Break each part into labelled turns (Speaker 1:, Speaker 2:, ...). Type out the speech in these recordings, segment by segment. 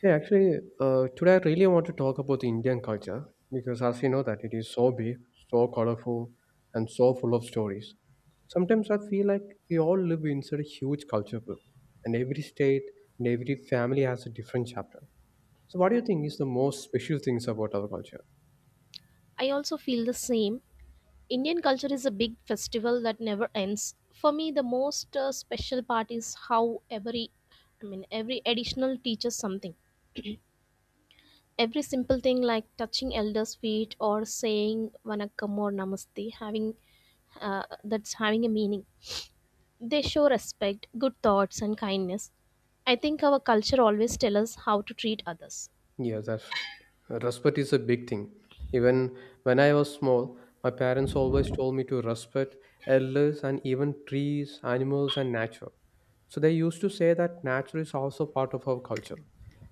Speaker 1: Hey, actually, today I really want to talk about the Indian culture because, as you know, that it is so big, so colorful, and so full of stories. Sometimes I feel like we all live inside a huge culture book, and every state and every family has a different chapter. So, what do you think is the most special things about our culture?
Speaker 2: I also feel the same. Indian culture is a big festival that never ends. For me, the most special part is how every, I mean, every additional teaches something. Every simple thing like touching elders' feet or saying "vanakkam" or "namaste," having uh, that's having a meaning. They show respect, good thoughts, and kindness. I think our culture always tells us how to treat others.
Speaker 1: Yeah, that's right. Respect is a big thing. Even when I was small, my parents always told me to respect elders and even trees, animals, and nature. So they used to say that nature is also part of our culture.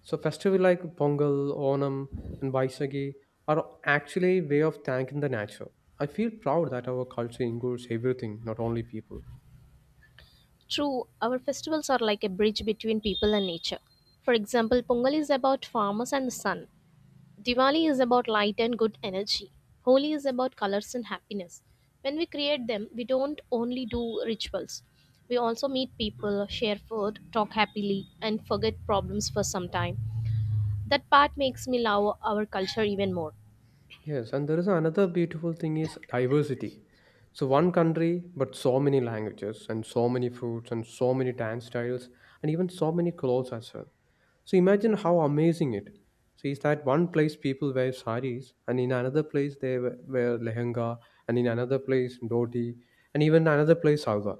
Speaker 1: So festivals like Pongal, Onam, and Baisagi are actually a way of thanking the nature. I feel proud that our culture includes everything, not only people.
Speaker 2: True, our festivals are like a bridge between people and nature. For example, Pongal is about farmers and the sun. Diwali is about light and good energy. Holi is about colors and happiness. When we create them, we don't only do rituals. We also meet people, share food, talk happily, and forget problems for some time. That part makes me love our culture even more.
Speaker 1: Yes, and there is another beautiful thing is diversity. So one country, but so many languages and so many foods and so many dance styles and even so many clothes as well. So imagine how amazing it. So is that one place people wear saris and in another place they wear lehenga and in another place dhoti and even another place salwar.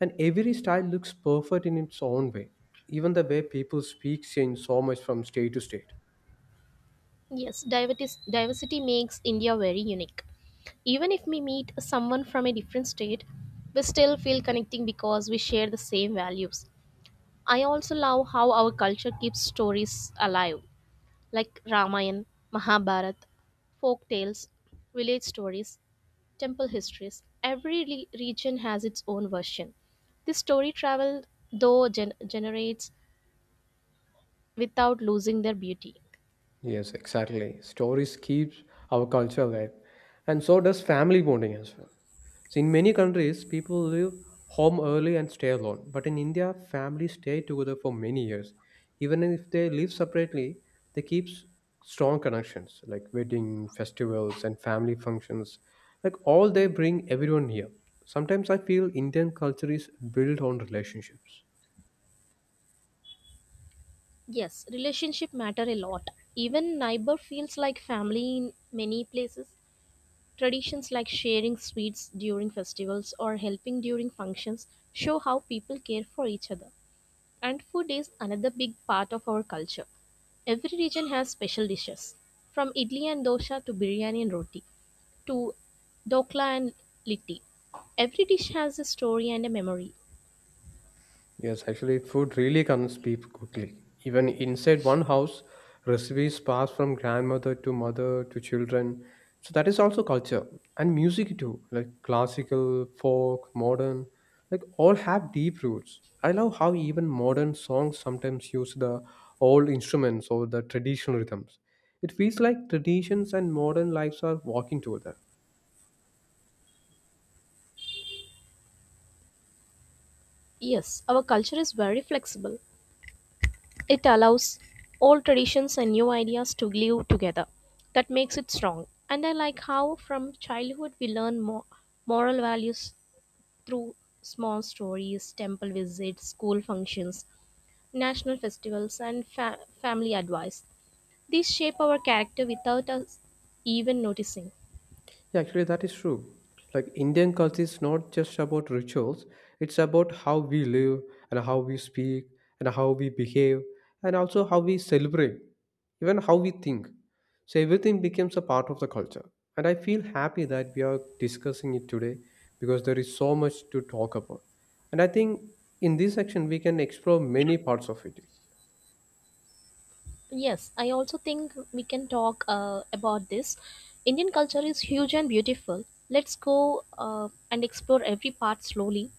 Speaker 1: And every style looks perfect in its own way. Even the way people speak change so much from state to state.
Speaker 2: Yes, diversity makes India very unique. Even if we meet someone from a different state, we still feel connecting because we share the same values. I also love how our culture keeps stories alive, like Ramayana, Mahabharata, folk tales, village stories, temple histories. Every region has its own version. This story travel, though, generates without losing their beauty.
Speaker 1: Yes, exactly. Stories keeps our culture alive, and so does family bonding as well. So in many countries, people leave home early and stay alone. But in India, families stay together for many years. Even if they live separately, they keep strong connections like wedding, festivals, and family functions. Like all they bring everyone here. Sometimes I feel Indian culture is built on relationships.
Speaker 2: Yes, relationship matter a lot. Even neighbor feels like family in many places. Traditions like sharing sweets during festivals or helping during functions show how people care for each other. And food is another big part of our culture. Every region has special dishes, from idli and dosa to biryani and roti, to dokla and litti. Every dish has a story and a memory.
Speaker 1: Yes, actually, food really comes people quickly. Even inside one house, recipes pass from grandmother to mother to children. So that is also culture and music too, like classical, folk, modern, like all have deep roots. I love how even modern songs sometimes use the old instruments or the traditional rhythms. It feels like traditions and modern lives are walking together.
Speaker 2: Yes, our culture is very flexible. It allows old traditions and new ideas to live together. That makes it strong. And I like how from childhood we learn more moral values through small stories, temple visits, school functions, national festivals, and family advice. These shape our character without us even noticing.
Speaker 1: Yeah, actually, that is true. Like, Indian culture is not just about rituals, it's about how we live and how we speak and how we behave and also how we celebrate, even how we think. So, everything becomes a part of the culture. And I feel happy that we are discussing it today because there is so much to talk about. And I think in this section, we can explore many parts of it.
Speaker 2: Yes, I also think we can talk about this. Indian culture is huge and beautiful. Let's go and explore every part slowly.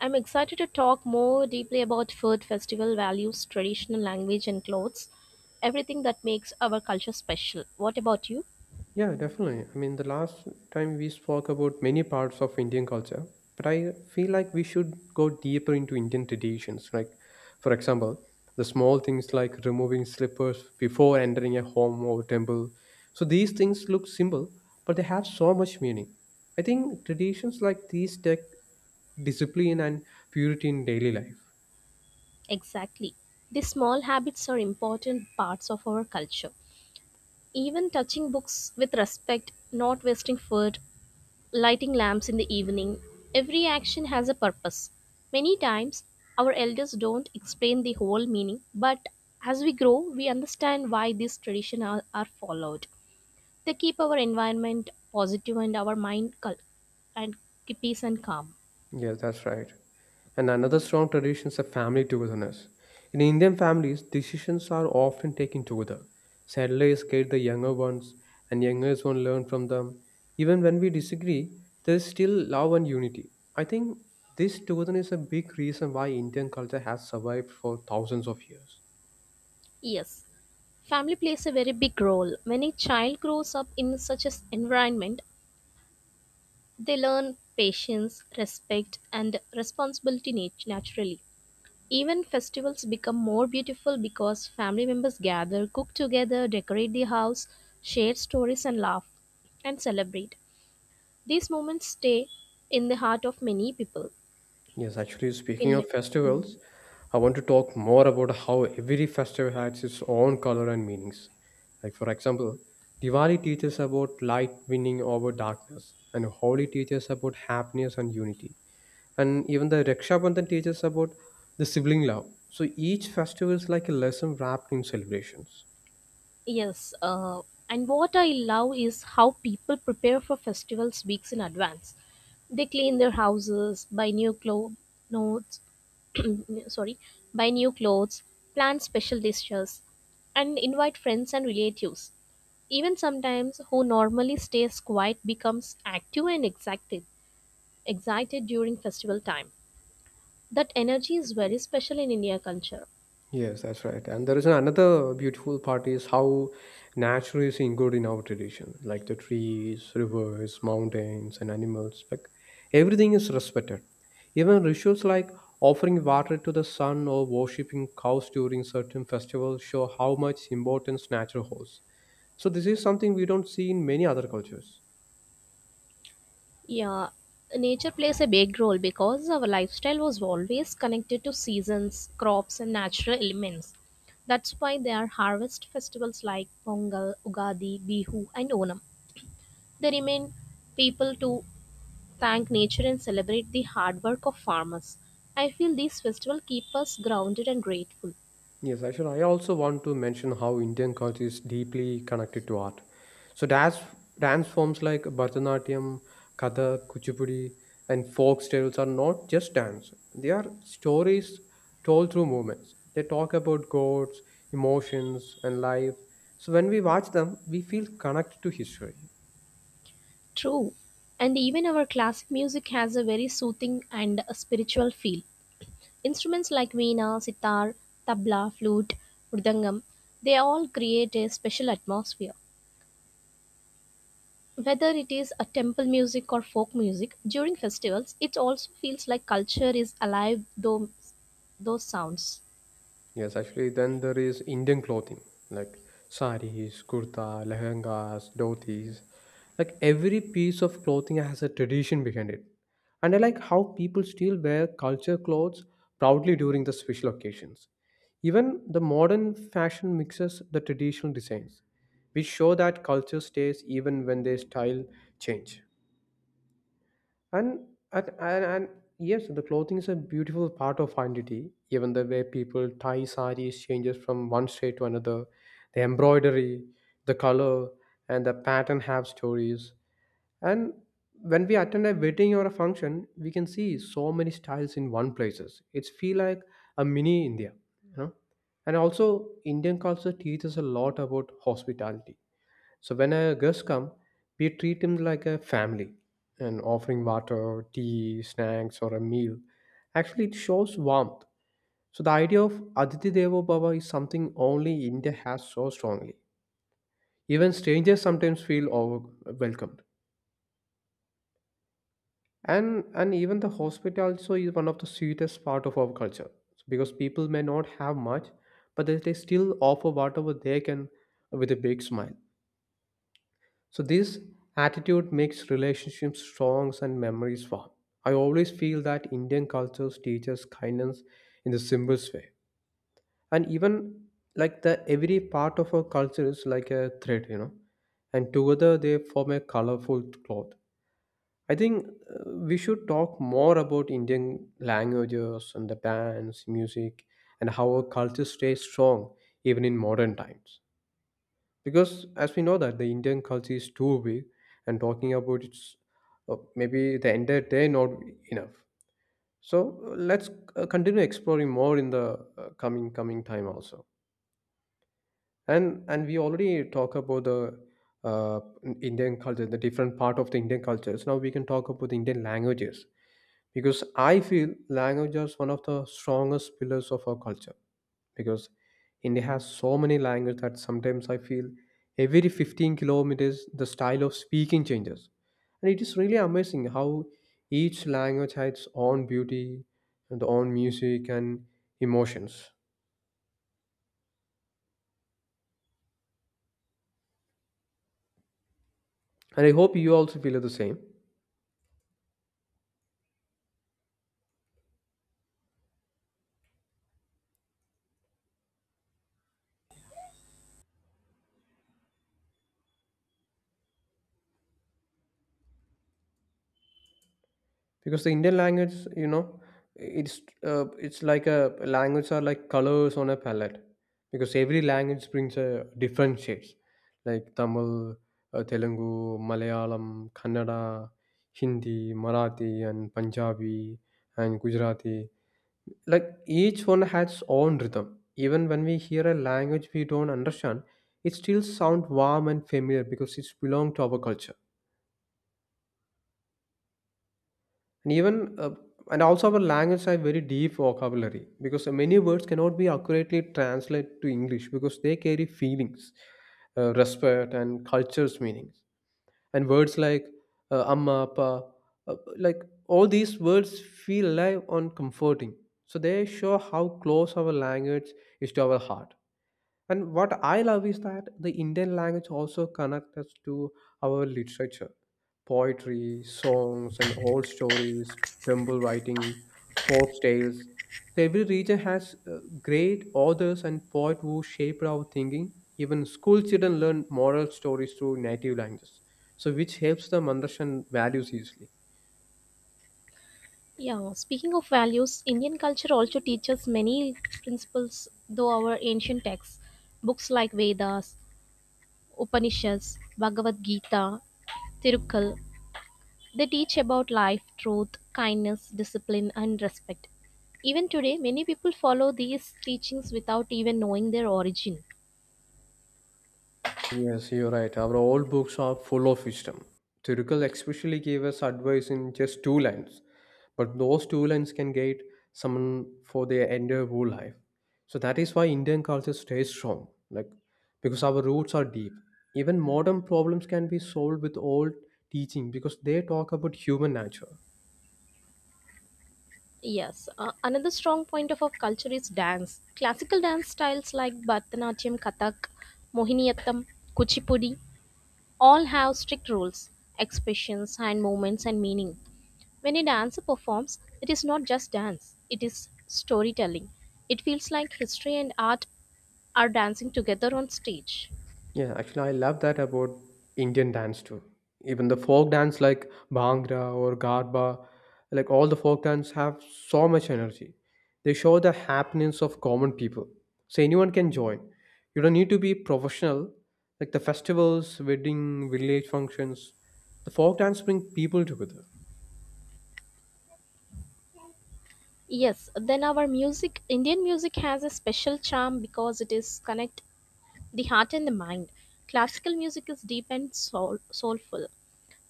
Speaker 2: I'm excited to talk more deeply about food, festival values, traditional language, and clothes. Everything that makes our culture special. What about you?
Speaker 1: Yeah, definitely. I mean, the last time we spoke about many parts of Indian culture, but I feel like we should go deeper into Indian traditions. Like, for example, the small things like removing slippers before entering a home or temple. So these things look simple, but they have so much meaning. I think traditions like these take discipline and purity in daily life.
Speaker 2: Exactly. These small habits are important parts of our culture. Even touching books with respect, not wasting food, lighting lamps in the evening. Every action has a purpose. Many times, our elders don't explain the whole meaning, but as we grow, we understand why these traditions are followed. They keep our environment positive and our mind cul- and keep peace and calm.
Speaker 1: Yes, that's right. And another strong tradition is a family togetherness. In Indian families, decisions are often taken together. Settlers guide the younger ones, and younger ones learn from them. Even when we disagree, there is still love and unity. I think this togetherness is a big reason why Indian culture has survived for thousands of years.
Speaker 2: Yes, family plays a very big role. When a child grows up in such an environment, they learn patience, respect, and responsibility naturally. Even festivals become more beautiful because family members gather, cook together, decorate the house, share stories, and laugh and celebrate. These moments stay in the heart of many people.
Speaker 1: Yes, actually, speaking
Speaker 2: In
Speaker 1: of festivals, I want to talk more about how every festival has its own color and meanings. Like, for example, Diwali teaches about light winning over darkness, and Holi teaches about happiness and unity. And even the Raksha Bandhan teaches about the sibling love. So each festival is like a lesson wrapped in celebrations.
Speaker 2: yes, and what I love is how people prepare for festivals weeks in advance. They clean their houses, buy new clothes, notes, sorry, buy new clothes, plan special dishes, and invite friends and relatives. Even sometimes, who normally stays quiet becomes active and excited during festival time. That energy is very special in India culture.
Speaker 1: Yes, that's right. And there is another beautiful part is how nature is included in our tradition, like the trees, rivers, mountains, and animals. Like everything is respected. Even rituals like offering water to the sun or worshipping cows during certain festivals show how much importance nature holds. So this is something we don't see in many other cultures.
Speaker 2: Yeah, nature plays a big role because our lifestyle was always connected to seasons, crops, and natural elements. That's why there are harvest festivals like Pongal, Ugadi, Bihu, and Onam. They remain people to thank nature and celebrate the hard work of farmers. I feel these festivals keep us grounded and grateful.
Speaker 1: Yes, Aishan, I also want to mention how Indian culture is deeply connected to art. So dance forms like Bharatanatyam, Kathak, Kuchipudi, and folk tales are not just dance. They are stories told through movements. They talk about gods, emotions, and life. So when we watch them, we feel connected to history.
Speaker 2: True. And even our classic music has a very soothing and a spiritual feel. Instruments like veena, sitar, tabla, flute, mridangam, they all create a special atmosphere. Whether it is a temple music or folk music, during festivals, it also feels like culture is alive though those sounds.
Speaker 1: Yes, actually, then there is Indian clothing like saris, kurta, lehengas, dhotis. Like every piece of clothing has a tradition behind it. And I like how people still wear culture clothes proudly during the special occasions. Even the modern fashion mixes the traditional designs, which show that culture stays even when their style change. And, and yes, the clothing is a beautiful part of identity. Even the way people tie saris changes from one shade to another. The embroidery, the color, and the pattern have stories. And when we attend a wedding or a function, we can see so many styles in one places. It's feel like a mini India, you know. And also, Indian culture teaches a lot about hospitality, so when a guest come, we treat him like a family and offering water, tea, snacks or a meal. Actually it shows warmth. So the idea of Aditi Devo Bhava is something only India has so strongly. Even strangers sometimes feel welcomed. And even the hospital also is one of the sweetest part of our culture. So because people may not have much, but they still offer whatever they can with a big smile. So this attitude makes relationships strong and memories warm. I always feel that Indian culture teaches kindness in the simplest way. And even like the every part of our culture is like a thread, and together they form a colorful cloth. I think we should talk more about Indian languages and the dance, music, and how our culture stays strong even in modern times, because as we know that the indian culture is too big and talking about it's maybe the entire day not enough. So let's continue exploring more in the coming time also. And we already talk about the uh, indian culture, the different part of the indian cultures. Now we can talk about the indian languages, because I feel language is one of the strongest pillars of our culture, because India has so many languages that sometimes I feel every 15 kilometers the style of speaking changes. And it is really amazing how each language has its own beauty and own music and emotions. And I hope you also feel the same. Because the indian language, it's it's like a language are like colors on a palette, because every language brings a different shades, like tamil, telugu, malayalam, kannada, hindi, marathi and punjabi and gujarati. Like each one has its own rhythm. Even when we hear a language we don't understand, it still sounds warm and familiar, because it's belong to our culture. And even uh, and also our language have very deep vocabulary, because many words cannot be accurately translated to english, because they carry feelings, respect and cultures meanings. And words like amma pa like all these words feel alive and comforting, so they show how close our language is to our heart. And what I love is that the Indian language also connects us to our literature, poetry, songs, and old stories, temple writing, folk tales. Every region has great authors and poets who shaped our thinking. Even school children learn moral stories through native languages, so which helps them understand values easily.
Speaker 2: Yeah, speaking of values, Indian culture also teaches many principles though our ancient texts. Books like Vedas, Upanishads, Bhagavad Gita, Tirukal, they teach about life, truth, kindness, discipline, and respect. Even today, many people follow these teachings without even knowing their origin.
Speaker 1: Yes, you're right. Our old books are full of wisdom. Tirukal especially gave us advice in just two lines, but those two lines can guide someone for their entire whole life. So that is why Indian culture stays strong, like because our roots are deep. Even modern problems can be solved with old teaching because they talk about human nature.
Speaker 2: Yes, another strong point of our culture is dance. Classical dance styles like Bharatanatyam, Kathak, Mohiniyattam, Kuchipudi all have strict rules, expressions, hand movements, and meaning. When a dancer performs, it is not just dance, it is storytelling. It feels like history and art are dancing together on stage.
Speaker 1: Yeah, actually, I love that about Indian dance too. Even the folk dance like Bhangra or Garba, like all the folk dance have so much energy. They show the happenings of common people. So anyone can join. You don't need to be professional. Like the festivals, wedding, village functions, the folk dance bring people together.
Speaker 2: Yes, then our music, Indian music has a special charm because it is connect the heart and the mind. Classical music is deep and soulful,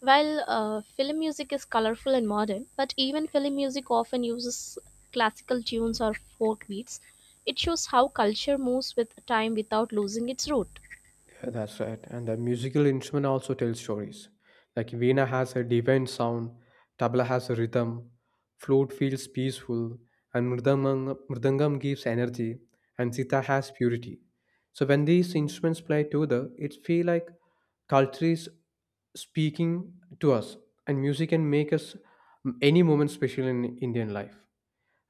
Speaker 2: while film music is colorful and modern. But even film music often uses classical tunes or folk beats. It shows how culture moves with time without losing its root.
Speaker 1: Yeah, that's right. And the musical instrument also tells stories. Like veena has a divine sound, tabla has a rhythm, flute feels peaceful, and mridangam gives energy, and sitar has purity. So when these instruments play together, it feel like culture is speaking to us, and music can make us any moment special in Indian life,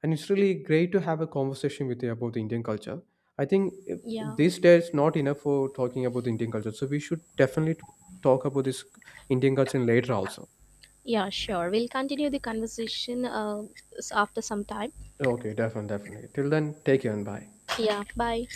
Speaker 1: and it's really great to have a conversation with you about the Indian culture. I think
Speaker 2: Yeah,
Speaker 1: these days not enough for talking about the Indian culture, so we should definitely talk about this Indian culture later also.
Speaker 2: yeah, sure. We'll continue the conversation after some time.
Speaker 1: Okay, definitely, definitely. Till then, take care and bye.
Speaker 2: Yeah, bye.